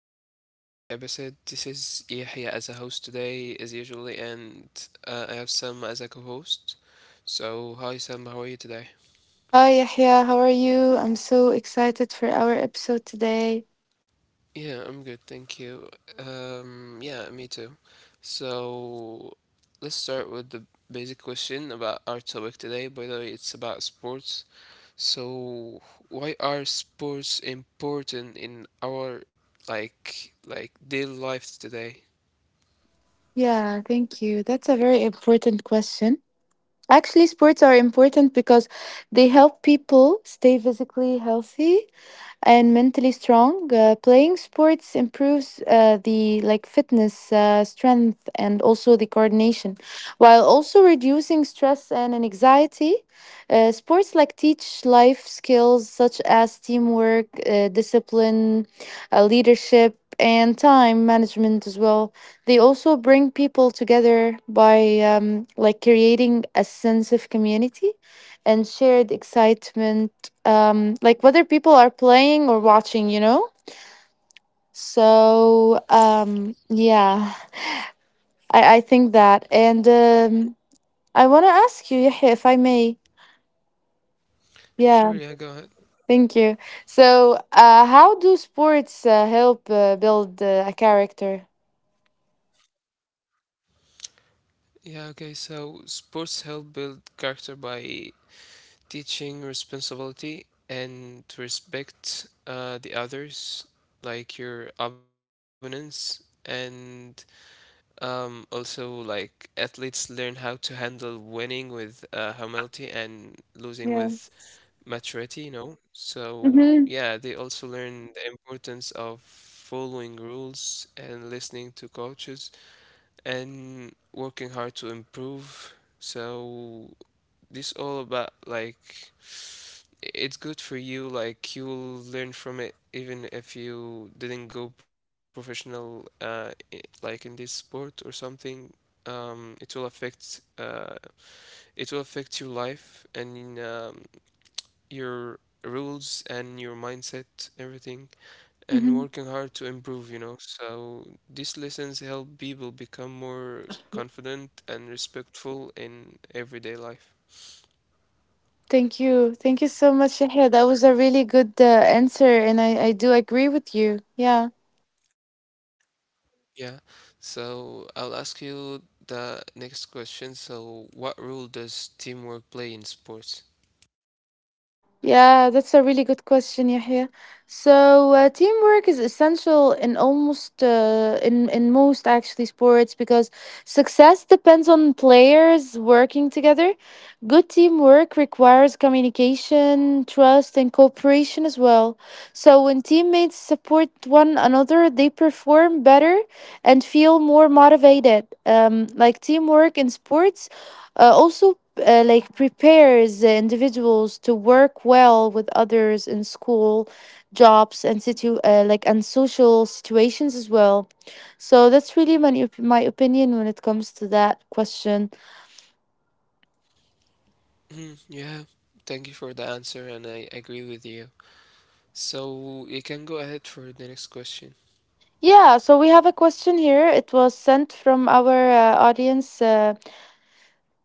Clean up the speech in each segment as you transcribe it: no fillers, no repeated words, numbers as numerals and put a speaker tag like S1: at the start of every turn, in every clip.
S1: welcome back to another episode. This is Yahya as a host today, as usually, and I have Sam as a co host. So, hi Sam, how are you today?
S2: Hi, Yahya. How are you? I'm so excited for our episode today.
S1: Yeah, I'm good, thank you. Yeah, me too. So, let's start with the basic question about our topic today. By the way, it's about sports. So, why are sports important in our like daily life today?
S2: Yeah, thank you. That's a very important question. Actually, sports are important because they help people stay physically healthy and mentally strong. Playing sports improves the fitness, strength, and also the coordination, while also reducing stress and anxiety. Sports teach life skills such as teamwork, discipline, leadership, and time management as well. They also bring people together by like creating a sense of community and shared excitement like whether people are playing or watching. So, yeah, I think that. And I want to ask you, Yahya, if I may.
S1: Sure, yeah, go ahead.
S2: Yeah, thank you. So, how do sports help build a character?
S1: Yeah, okay, so sports help build character by teaching responsibility and to respect the others, like your opponents, and also like athletes learn how to handle winning with humility and losing with
S2: Yes.
S1: maturity, you know. So, yeah,
S2: Mm-hmm.
S1: they also learn the importance of following rules and listening to coaches and working hard to improve. So this all about like it's good for you. Like you'll learn from it, even if you didn't go professional, like in this sport or something. It will affect your life and your rules and your mindset, everything and
S2: Mm-hmm.
S1: working hard to improve, you know. So these lessons help people become more confident and respectful in everyday life.
S2: Thank you. Thank you so much, Yahya. That was a really good answer, and I do agree with you. Yeah.
S1: Yeah. So I'll ask you the next question. So what role does teamwork play in sports?
S2: Yeah, that's a really good question, Yahya. So teamwork is essential in almost in most actually sports because success depends on players working together. Good teamwork requires communication, trust, and cooperation as well. So when teammates support one another, they perform better and feel more motivated. Like teamwork in sports also like prepares the individuals to work well with others in school jobs and situ like and social situations as well. So that's really my opinion when it comes to that question.
S1: Mm, yeah. Thank you for the answer and I agree with you. So you can go ahead for the next question.
S2: Yeah, so we have a question here. It was sent from our audience.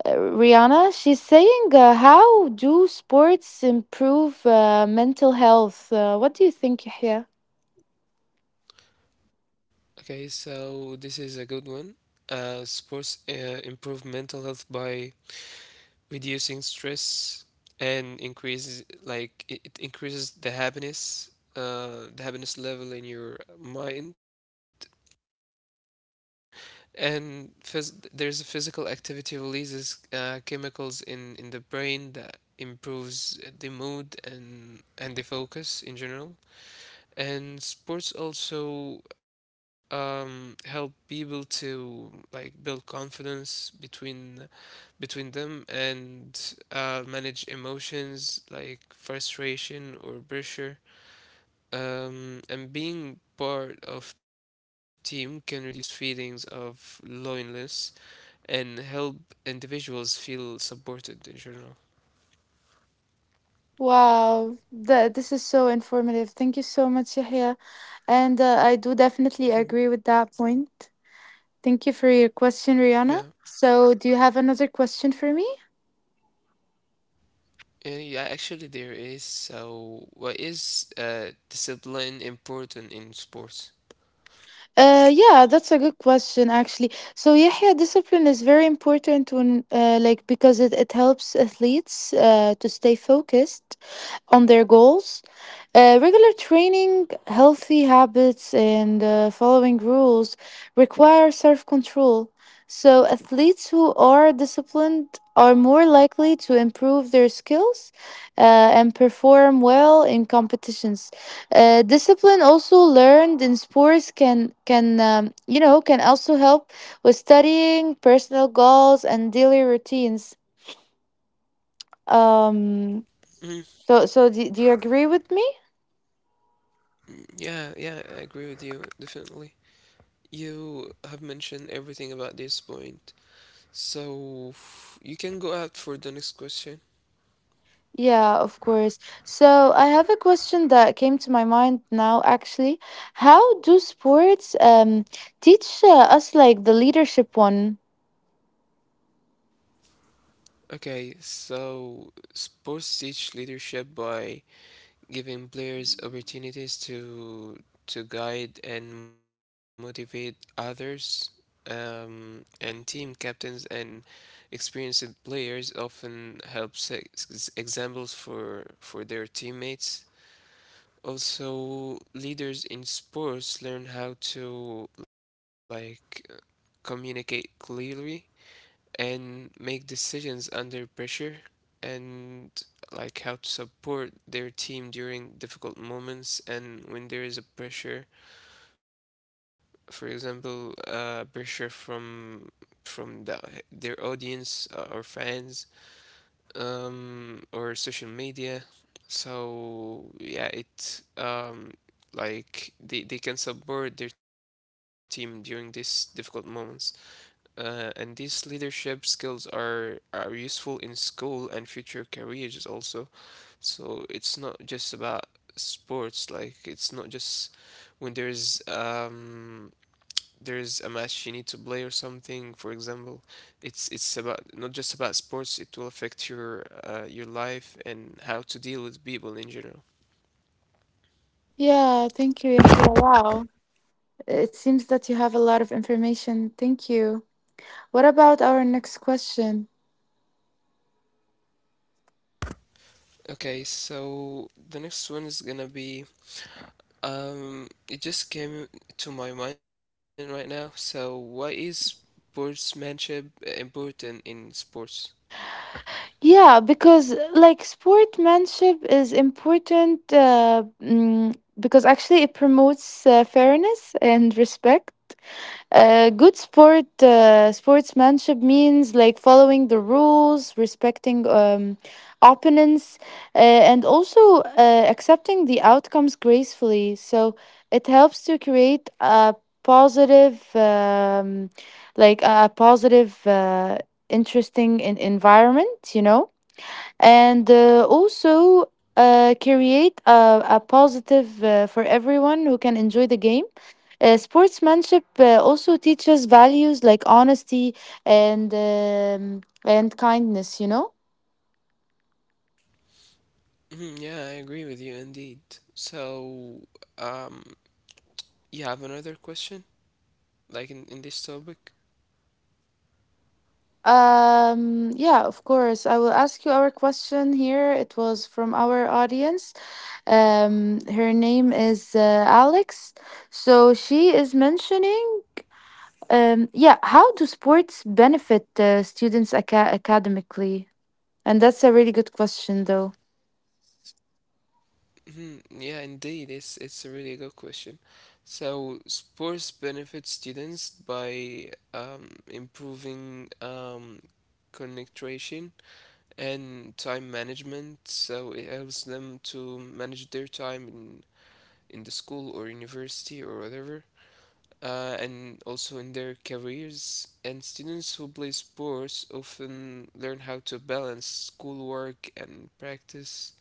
S2: uh, Rihanna, she's saying, how do sports improve mental health? What do you think, Yahya?
S1: Okay, so this is a good one. Sports improve mental health by reducing stress and increases like it increases the happiness level in your mind and there's a physical activity releases chemicals in the brain that improves the mood and the focus in general and sports also help people to like build confidence between them and manage emotions like frustration or pressure. And being part of team can reduce feelings of loneliness and help individuals feel supported in general.
S2: Wow, this is so informative. Thank you so much, Yahya. And I do definitely
S1: Mhm.
S2: agree with that point. Thank you for your question,
S1: Yeah.
S2: Rihanna. So, do you have another question for me?
S1: Yeah, yeah, actually there is. So, what is discipline important in sports?
S2: Yeah, that's a good question actually. So Yahya, discipline is very important because it helps athletes to stay focused on their goals. Regular training, healthy habits, and following rules require self control. So, athletes who are disciplined are more likely to improve their skills uh, and perform well in competitions. Discipline also learned in sports can can also help with studying, personal goals, and daily routines. Um,
S1: Mm,
S2: so, do you agree with me?
S1: yeah, yeah, I agree with you, definitely. You have mentioned everything about this point. So you can go out for the next question.
S2: Yeah, of course. So I have a question that came to my mind now, actually. How do sports teach us like the leadership one?
S1: Okay, so sports teach leadership by giving players opportunities to guide and motivate others. And team captains and experienced players often help set examples for their teammates. Also, leaders in sports learn how to like communicate clearly and make decisions under pressure and like how to support their team during difficult moments and when there is a pressure, for example, pressure from their audience, or fans, or social media. So yeah, they can support their team during these difficult moments, and these leadership skills are useful in school and future careers also. So it's not just about sports. Like it's not just when there's a match you need to play or something. For example, it's about not just about sports. It will affect your life and how to deal with people in general.
S2: Yeah, thank you, Yahya. Wow. It seems that you have a lot of information. Thank you. What about our next question?
S1: Okay, so the next one is gonna be it just came to my mind right now. So, why is sportsmanship important in sports?
S2: Yeah, because like sportsmanship is important because actually it promotes fairness and respect. Good sport Sportsmanship means like following the rules, respecting opponents, and also accepting the outcomes gracefully. So it helps to create a positive, like a positive interesting in environment, you know, and also create a positive for everyone who can enjoy the game. Sportsmanship also teaches values like honesty and kindness, you know.
S1: Mhm, yeah, I agree with you indeed. So, um, you have another question, like in this topic?
S2: Yeah, of course. I will ask you our question here. It was from our audience. Her name is Alex. So she is mentioning yeah, how do sports benefit students academically? And that's a really good question, though.
S1: Mhm, yeah, indeed, it's a really good question. So, sports benefit students by improving concentration and time management. So it helps them to manage their time in the school or university or whatever, and also in their careers. And students who play sports often learn how to balance schoolwork and practice.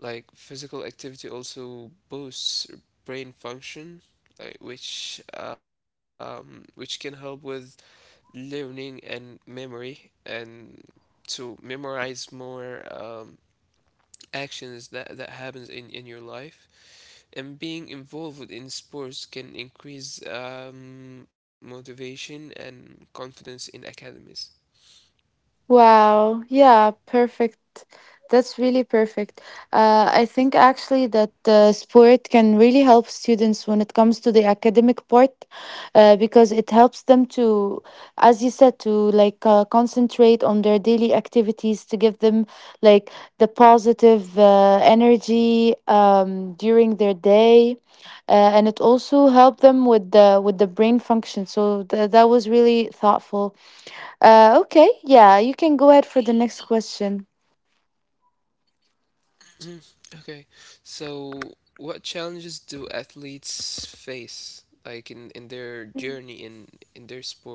S1: Like physical activity also boosts brain function. Which can help with learning and memory and to memorize more actions that happens in your life, and being involved in sports can increase motivation and confidence in academies.
S2: Wow. Yeah, perfect. That's really perfect. I think actually that sport can really help students when it comes to the academic part because it helps them to, as you said, to concentrate on their daily activities to give them like the positive energy during their day, and it also helped them with the brain function. So that was really thoughtful. Okay, yeah, you can go ahead for the next question.
S1: Mm, okay, so what challenges do athletes face, like in their journey in their sports?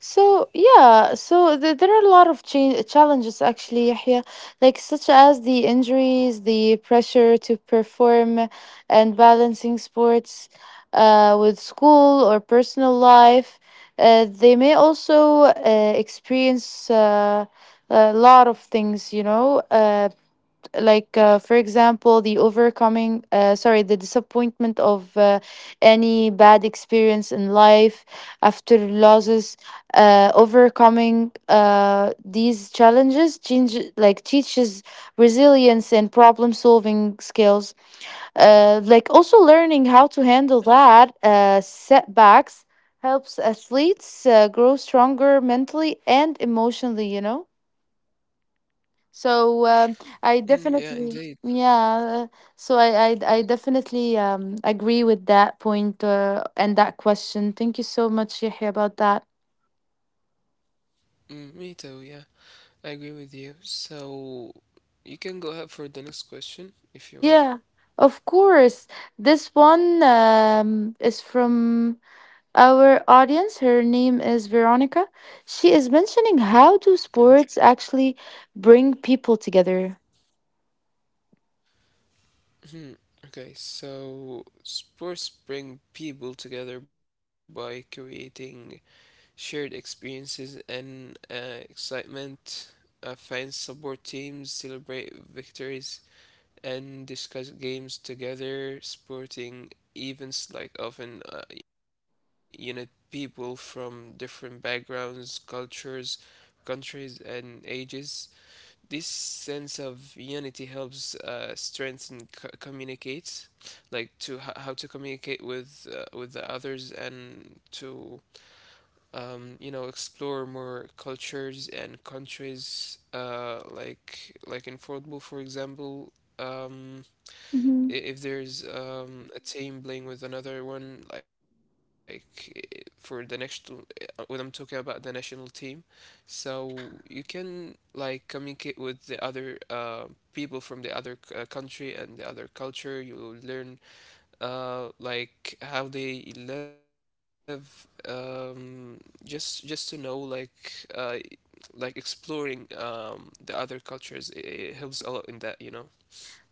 S2: So there are a lot of challenges actually, Yahya, like such as the injuries, the pressure to perform, and balancing sports with school or personal life. They may also experience a lot of things, you know, for example the overcoming sorry the disappointment of any bad experience in life after losses. Overcoming these challenges change like teaches resilience and problem solving skills, like also learning how to handle that setbacks helps athletes grow stronger mentally and emotionally, you know. So I
S1: Mm, yeah, indeed.
S2: definitely, yeah. So I definitely agree with that point and that question. Thank you so much, Yahya, about that.
S1: Mm, me too. Yeah, I agree with you. So you can go ahead for the next question if you want.
S2: Yeah, of course. This one is from our audience. Her name is Veronica. She is mentioning how do
S1: Okay.
S2: sports actually bring people together.
S1: Hmm. Okay, so sports bring people together by creating shared experiences and excitement. Fans support teams, celebrate victories, and discuss games together. Sporting events like often unite people from different backgrounds, cultures, countries, and ages. This sense of unity helps strengthen communicate, like to how to communicate with the others and to you know explore more cultures and countries. Like in football, for example. Um,
S2: Hmm.
S1: if there's a team playing with another one, like for the next, when I'm talking about the national team, so you can like communicate with the other people from the other country and the other culture. You learn like how they live. Just to know uh, like exploring the other cultures, it helps a lot in that, you know.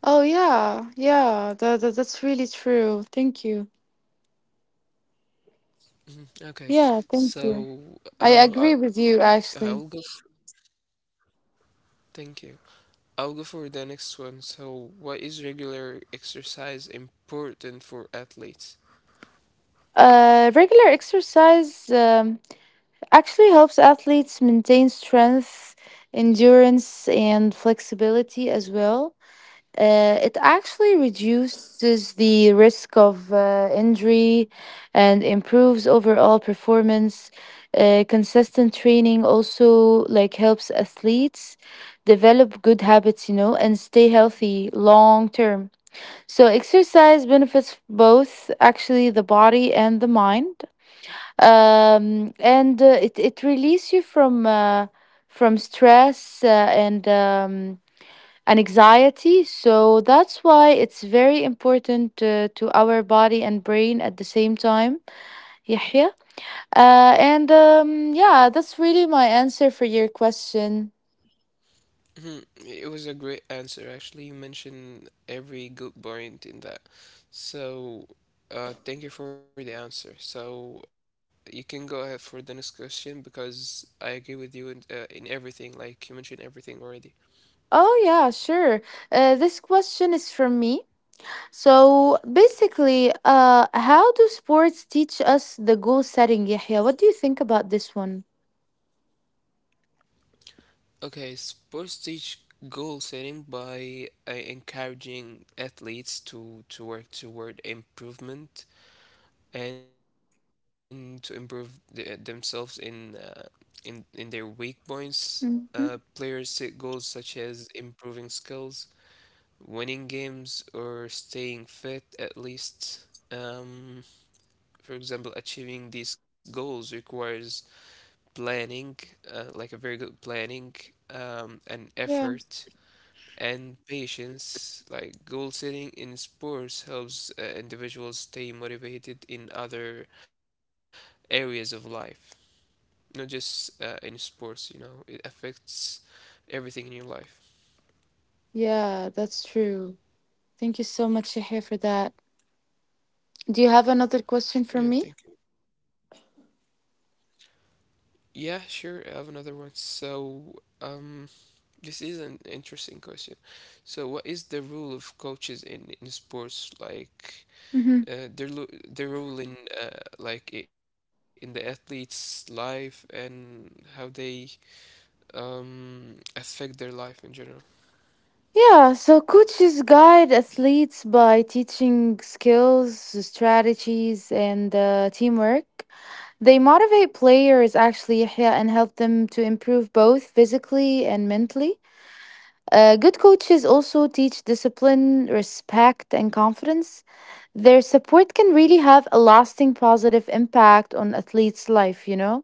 S2: Oh yeah, yeah. That's really true. Thank you.
S1: Mhm. Okay,
S2: Yeah, thank you.
S1: so
S2: I
S1: I,
S2: agree with you, actually.
S1: I'll go. F- Thank you. I'll go for the next one. So, why is regular exercise important for athletes?
S2: Regular exercise actually helps athletes maintain strength, endurance, and flexibility as well. It actually reduces the risk of injury and improves overall performance. Consistent training also like helps athletes develop good habits, you know, and stay healthy long term. So exercise benefits both actually the body and the mind, and it releases you from stress and anxiety. So that's why it's very important to our body and brain at the same time. Yahya, and yeah, that's really my answer for your question.
S1: Hmm, it was a great answer. Actually, you mentioned every good point in that. So, thank you for the answer. So, you can go ahead for the next question because I agree with you in everything. Like, you mentioned everything already.
S2: Oh yeah, sure. This question is from me. So basically, how do sports teach us the goal setting, Yahya? What do you think about this one?
S1: Okay, sports teach goal setting by encouraging athletes to work toward improvement and to improve themselves in in their weak points.
S2: Mm-hmm.
S1: Players set goals such as improving skills, winning games, or staying fit at least. Um, for example, achieving these goals requires planning, like a very good planning, and
S2: Yeah,
S1: effort and patience, like goal setting in sports helps individuals stay motivated in other areas of life, not just in sports, you know, it affects everything in your life.
S2: yeah, that's true. Thank you so much, Yahya, for that. Do you have another question for me?
S1: Yeah, thank you. Yeah, sure. I have another one. So, um, this is an interesting question. So, what is the role of coaches in sports? Like,
S2: Mm-hmm.
S1: their role in in the athlete's life and how they affect their life in general.
S2: Yeah, so coaches guide athletes by teaching skills, strategies, and teamwork. They motivate players actually Yahya, and help them to improve both physically and mentally. Good coaches also teach discipline, respect, and confidence. Their support can really have a lasting positive impact on athletes' life, you know?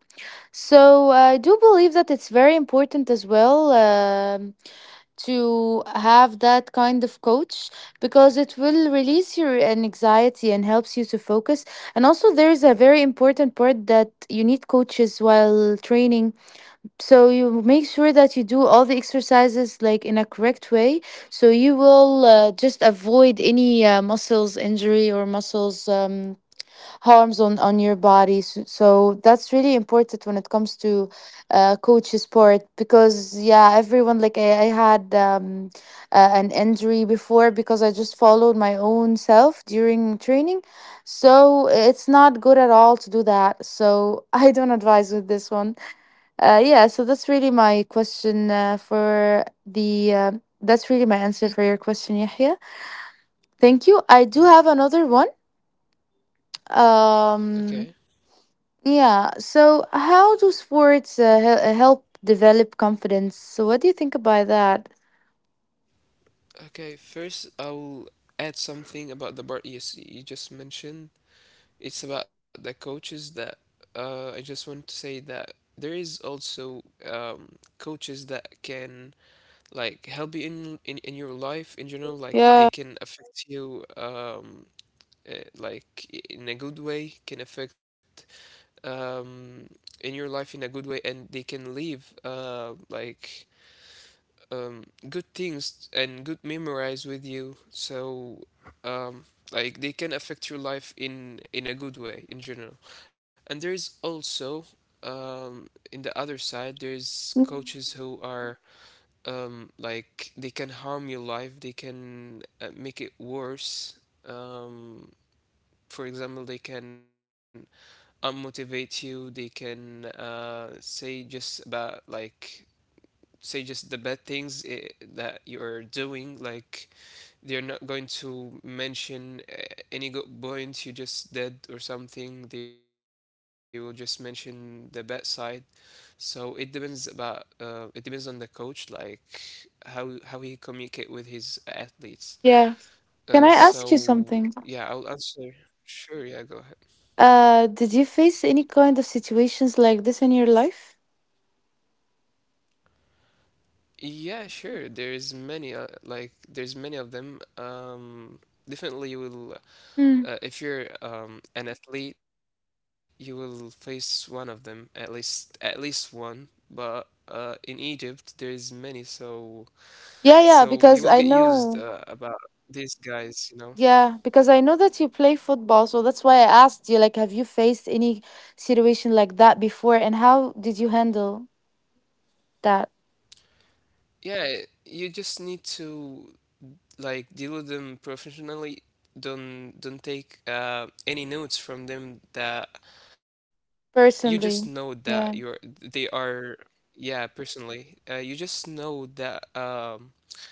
S2: So I do believe that it's very important as well, to have that kind of coach because it will release your anxiety and helps you to focus. And also, there is a very important part that you need coaches while training, so you make sure that you do all the exercises like in a correct way, so you will just avoid any muscles injury or muscles harms on your body. So, so that's really important when it comes to coach sport, because yeah everyone like I had an injury before because I just followed my own self during training, so it's not good at all to do that. So I don't advise with this one. Yeah, so that's really my question for the. That's really my answer for your question, Yahya. Thank you.
S1: Mhm.
S2: I do have another one.
S1: Okay.
S2: Um, yeah, so how do sports help develop confidence? So, what do you think about that?
S1: Okay. First, I'll add something about the part you just mentioned. It's about the coaches that I just want to say that there is also coaches that can like help you in your life in general. Like they
S2: Yeah.
S1: can affect you in a good way. Can affect um, in your life in a good way, and they can leave good things and good memories with you. So um, like they can affect your life in a good way in general. And there is also um, in the other side there's coaches
S2: Mm.
S1: who are like they can harm your life. They can make it worse. Um, for example, they can unmotivate you. They can say just about like say just the bad things, that you're doing. Like they're not going to mention any good point you just did or something. They will just mention the bad side. So it depends about it depends on the coach, like how he communicate with his athletes,
S2: Yeah. Can I ask you
S1: so
S2: something?
S1: yeah I'll answer. Sure, yeah, go ahead.
S2: Did you face any kind of situations like this in your life?
S1: Yeah, sure. There's many, there's many of them. Definitely, you will
S2: Hmm.
S1: if you're an athlete, you will face one of them, at least one. But in Egypt, there is many, so
S2: Yeah,
S1: so you
S2: yeah,
S1: will get
S2: because I
S1: used
S2: know.
S1: about these guys, you know.
S2: Yeah, because I know that you play football, so that's why I asked you, like, have you faced any situation like that before, and how did you handle that
S1: Yeah, you just need to like deal with them professionally. Don't take any notes from them. That you just know that
S2: personally?
S1: you're they
S2: Yeah.
S1: are, yeah, personally. Uh, you just know that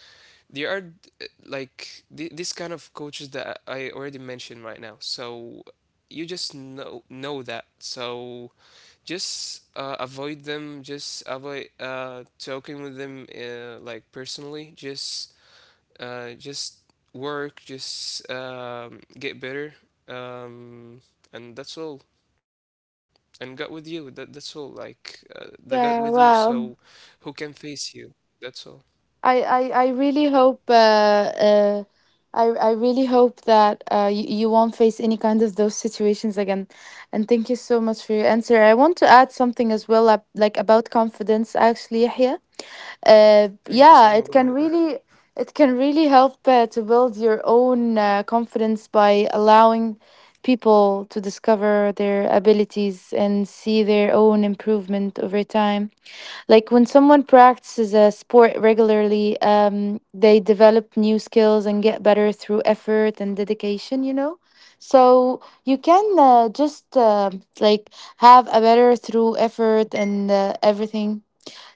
S1: there are this kind of coaches that I already mentioned right now. So you just know that. So just avoid them. Just avoid talking with them like personally. Just uh, just work. Just get better. Um, and that's all. And God with you. That's all. Like the God with you.
S2: Yeah,
S1: So
S2: wow.
S1: who can face you? That's all.
S2: I I, I really hope uh, uh I I really hope that you, you won't face any kind of those situations again. And thank you so much for your answer. I want to add something as well, like about confidence, actually, Yahya.
S1: Thank you
S2: Yeah,
S1: so
S2: it
S1: much.
S2: can really it can really help to build your own confidence by allowing people to discover their abilities and see their own improvement over time, like when someone practices a sport regularly, they develop new skills and get better through effort and dedication, you know. So you can just like have a better through effort and everything.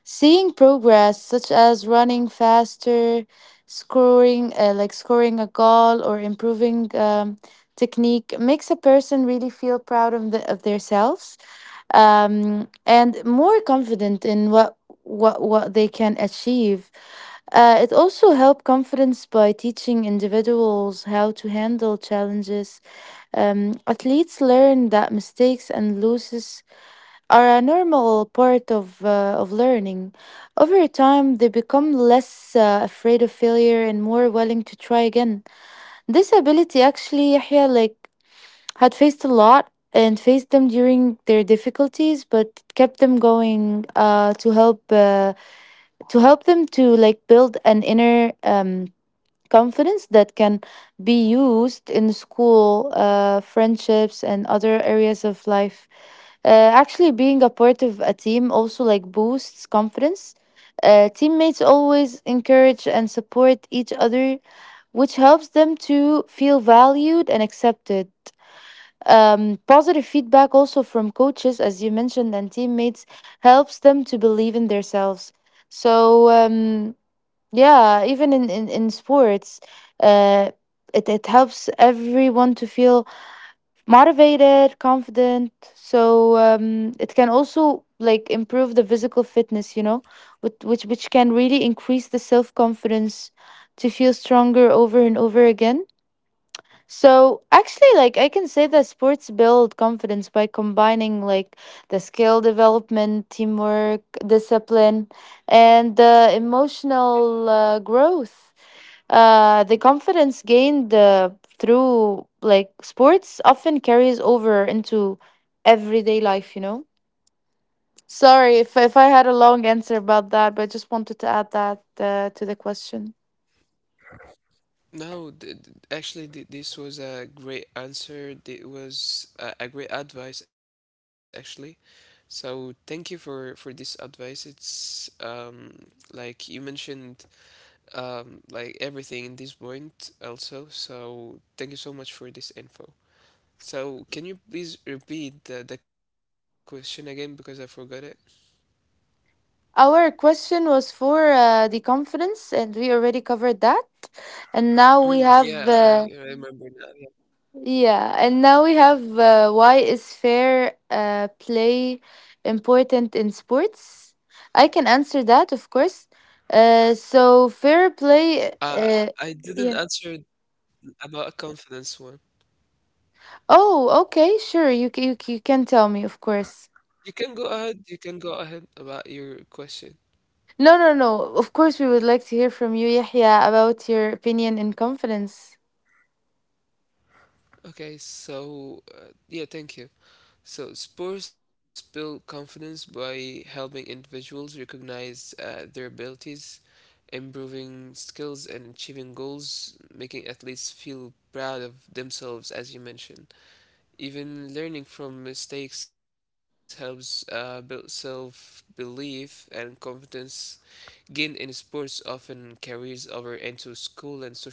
S2: Seeing progress, such as running faster, scoring a goal or improving technique, makes a person really feel proud of themselves, and more confident in what they can achieve. It also helps confidence by teaching individuals how to handle challenges. Athletes learn that mistakes and losses are a normal part of, of learning. Over time, they become less afraid of failure and more willing to try again. This ability actually, Yahya, like, had faced a lot and faced them during their difficulties, but kept them going to help them to like build an inner confidence that can be used in school, friendships, and other areas of life. Actually, being a part of a team also like boosts confidence. Teammates always encourage and support each other, which helps them to feel valued and accepted. Positive feedback also from coaches, as you mentioned, and teammates helps them to believe in themselves. So yeah, even in sports uh it helps everyone to feel motivated, confident, so it can also like improve the physical fitness, which can really increase the self confidence to feel stronger over and over again. So actually, like I can say that sports build confidence by combining like the skill development, teamwork, discipline, and emotional growth. The confidence gained through like sports often carries over into everyday life. Sorry if I had a long answer about that, but I just wanted to add that to the question.
S1: No, actually, this was a great answer. It was a great advice, actually. So thank you for this advice. It's like you mentioned like everything in this point also. So thank you so much for this info. So can you please repeat the question again because I forgot it?
S2: Our question was for the conference, and we already covered that. And now we
S1: Mm, yeah,
S2: have,
S1: I remember now. Yeah.
S2: yeah, and now we have why is fair play important in sports? I can answer that, of course. So fair
S1: Uh,
S2: play,
S1: I didn't answer
S2: yeah.
S1: about a confidence one.
S2: Oh, okay, sure. You can tell me, of course.
S1: You can go ahead. You can go ahead about your question.
S2: No, no, no. Of course, we would like to hear from you, Yahya, about your opinion and confidence.
S1: Okay, so yeah, thank you. So sports build confidence by helping individuals recognize their abilities, improving skills, and achieving goals, making athletes feel proud of themselves, as you mentioned. Even learning from mistakes helps build self belief, and confidence gained in sports often carries over into school and social life.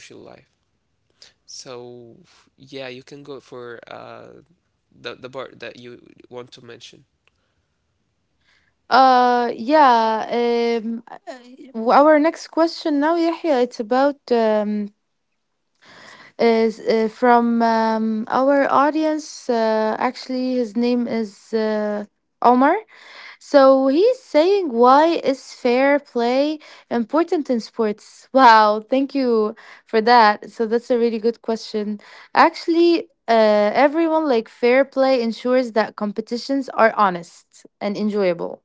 S1: So yeah, you can go for the part that you want to mention.
S2: Yeah. Our next question now, Yahya, it's about is from our audience. Actually, his name is Omar. So he's saying, why is fair play important in sports? Wow, thank you for that. So that's a really good question. Actually, everyone like fair play ensures that competitions are honest and enjoyable.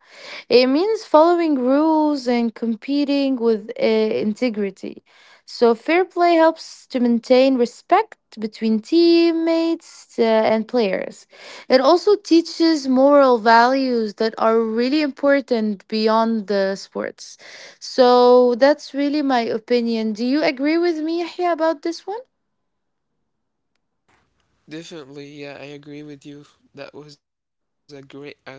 S2: It means following rules and competing with integrity. So fair play helps to maintain respect between teammates and players. It also teaches moral values that are really important beyond the sports. So that's really my opinion. Do you agree with me, Yahya, about this one?
S1: Definitely, yeah, I agree with you. That was a great answer as well.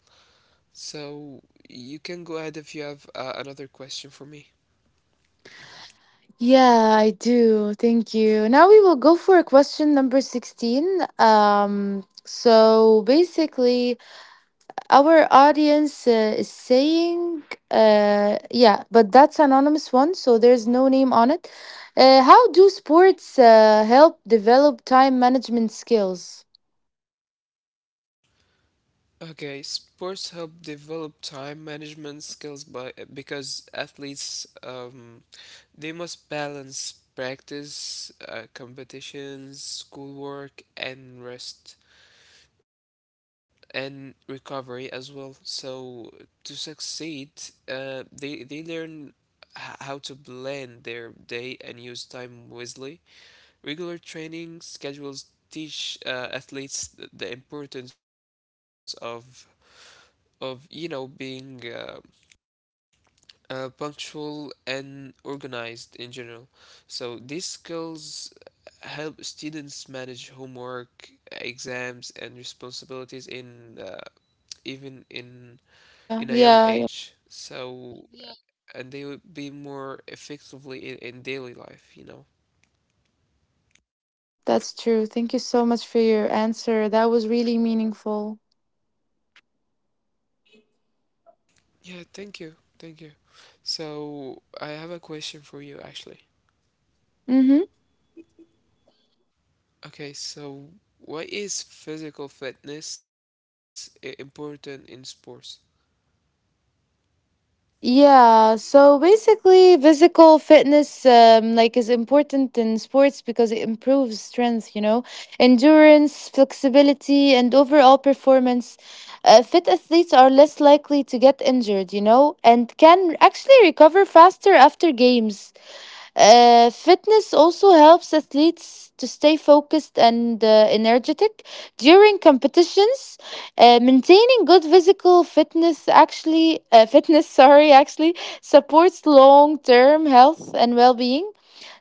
S1: So you can go ahead if you have another question for me.
S2: Yeah, I do. Thank you. Now we will go for question number 16. So basically, our audience is saying, yeah, but that's anonymous one, so there's no name on it. How do sports help develop time management skills?
S1: Okay, sports help develop time management skills by because athletes they must balance practice, competitions, schoolwork, and rest, and recovery as well. So to succeed, they learn how to blend their day and use time wisely. Regular training schedules teach athletes the importance of of being punctual and organized in general. So these skills help students manage homework, exams, and responsibilities in even in a
S2: Yeah,
S1: young
S2: yeah,
S1: age.
S2: yeah,
S1: So, yeah. And they would be more effectively in daily life, you know.
S2: that's true. Thank you so much for your answer. That was really meaningful.
S1: Yeah, thank you. Thank you. So, I have a question for you actually.
S2: Mm-hmm.
S1: Okay, so why is physical fitness important in sports?
S2: Yeah, so basically, physical fitness like is important in sports because it improves strength, you know, endurance, flexibility, and overall performance. Fit athletes are less likely to get injured, you know, and can actually recover faster after games. Fitness also helps athletes to stay focused and energetic during competitions. Maintaining good physical fitness actually fitness sorry, actually supports long-term health and well-being.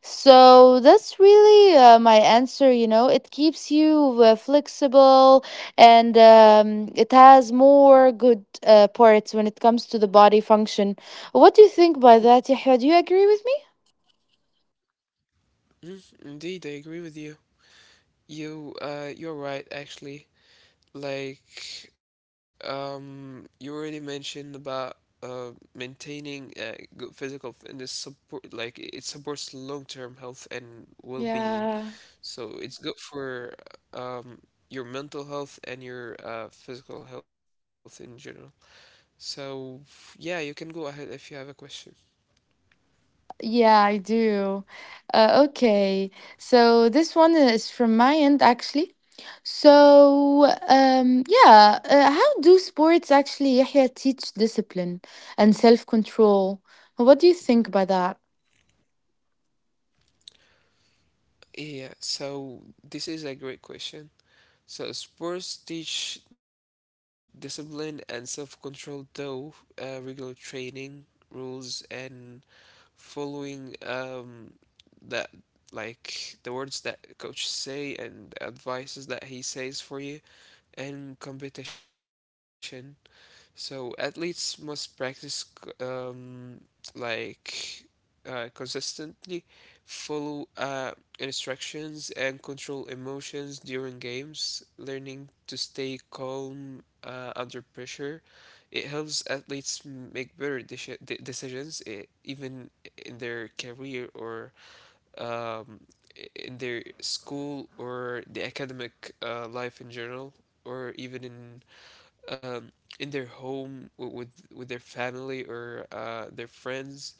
S2: So that's really my answer, you know. It keeps you flexible and it has more good parts when it comes to the body function. What do you think by that, Yahya? Do you agree with me?
S1: Mm, indeed, I agree with you. You, you're right actually. Like, you already mentioned about uh, maintaining good physical fitness support, like it supports long-term health and well-being.
S2: Yeah,
S1: So it's good for um, your mental health and your physical health in general. So yeah, you can go ahead if you have a question.
S2: yeah, I do. Okay, so this one is from my end actually. So, yeah, how do sports actually, Yahya, teach discipline and self-control? What do you think by that?
S1: Yeah, so this is a great question. So sports teach discipline and self-control, though regular training, rules, and following that, like the words that coach say and advices that he says for you, and competition. So athletes must practice like consistently, follow instructions, and control emotions during games. Learning to stay calm under pressure, it helps athletes make better decisions, eh, even in their career, or um, in their school or the academic life in general, or even um, in their home with their family or their friends.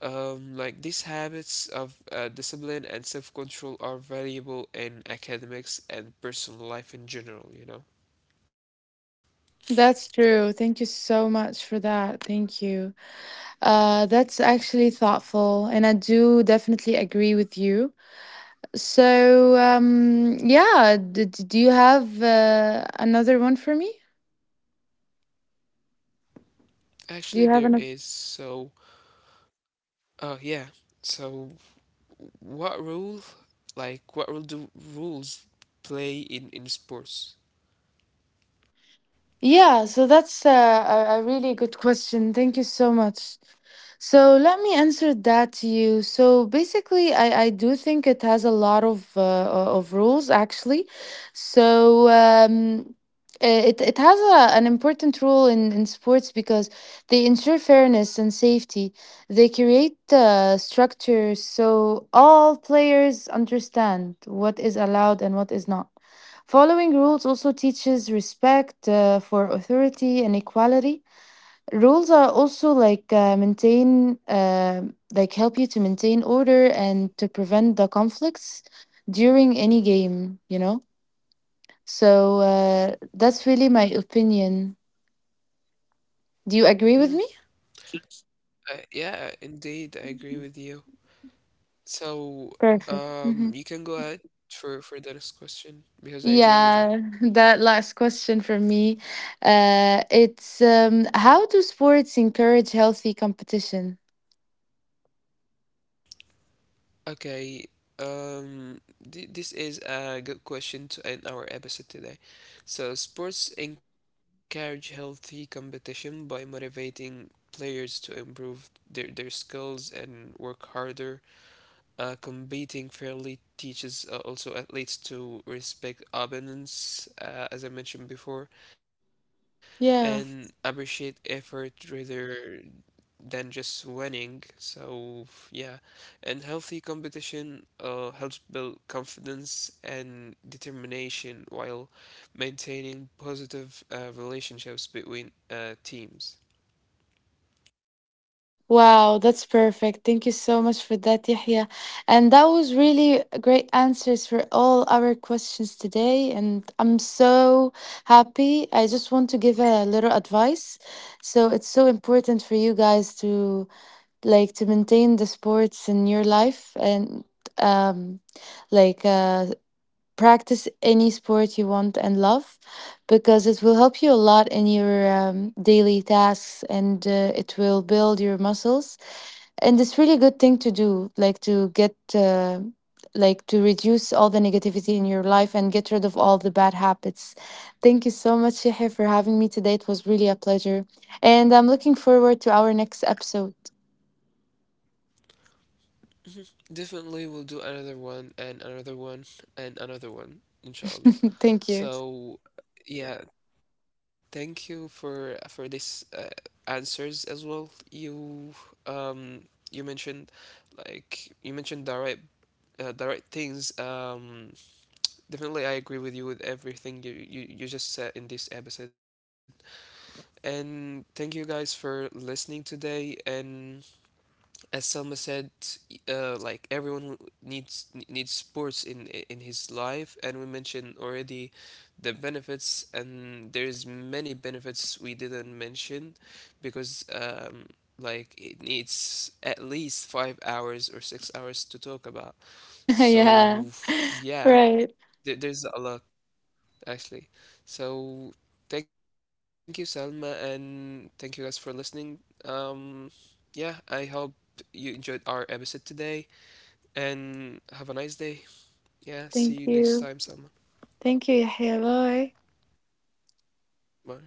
S1: Like, these habits of discipline and self-control are valuable in academics and personal life in general, you know.
S2: That's true. Thank you so much for that. Thank you. That's actually thoughtful, and I do definitely agree with you. So, yeah, do you have another one for me?
S1: Actually, there
S2: Do
S1: is.
S2: you have another?
S1: So yeah. So what role, like what role do rules play in sports?
S2: Yeah, so that's a really good question. Thank you so much. So let me answer that to you. So basically, I do think it has a lot of of rules actually. So um, it it has an important role in sports because they ensure fairness and safety. They create structures so all players understand what is allowed and what is not. Following rules also teaches respect for authority and equality. Rules are also like like help you to maintain order and to prevent the conflicts during any game, you know? So that's really my opinion. Do you agree with
S1: Hmm.
S2: me?
S1: Yeah, indeed, I agree with you. So,
S2: Perfect. Hmm.
S1: you can go ahead for the next question because I agree with you.
S2: Yeah, that last question for me. It's how do sports encourage healthy competition?
S1: Okay, th this is a good question to end our episode today. So, sports encourage healthy competition by motivating players to improve their skills and work harder. Competing fairly teaches also athletes to respect opponents, as I mentioned before, and
S2: Yeah.
S1: appreciate effort rather than just winning. So yeah, and healthy competition helps build confidence and determination while maintaining positive relationships between teams.
S2: Wow, that's perfect. Thank you so much for that, Yahya. And that was really great answers for all our questions today. And I'm so happy. I just want to give a little advice. So it's so important for you guys to like to maintain the sports in your life and um like uh practice any sport you want and love, because it will help you a lot in your daily tasks and it will build your muscles, and it's really good thing to do, like to get like to reduce all the negativity in your life and get rid of all the bad habits. Thank you so much, Yahya, for having me today. It was really a pleasure, and I'm looking forward to our next episode.
S1: Definitely, we'll do another one and another one and another one, inshallah.
S2: Thank you.
S1: So yeah, thank you for this answers as well. Um you mentioned, like you mentioned the right things. Definitely, I agree with you with everything you, you, you just said in this episode. And thank you guys for listening today. And as Selma said, like everyone needs needs sports in his life, and we mentioned already the benefits, and there's many benefits we didn't mention, because like it needs at least 5 hours or 6 hours to talk about. So
S2: Yeah,
S1: yeah,
S2: right,
S1: there- there's a lot actually. So thank you, Salma, and thank you guys for listening. Yeah, I hope you enjoyed our episode today, and have a nice day. Yeah, see you
S2: thank
S1: next time,
S2: you.
S1: Salma.
S2: Thank you, Yahya. Bye.
S1: Bye.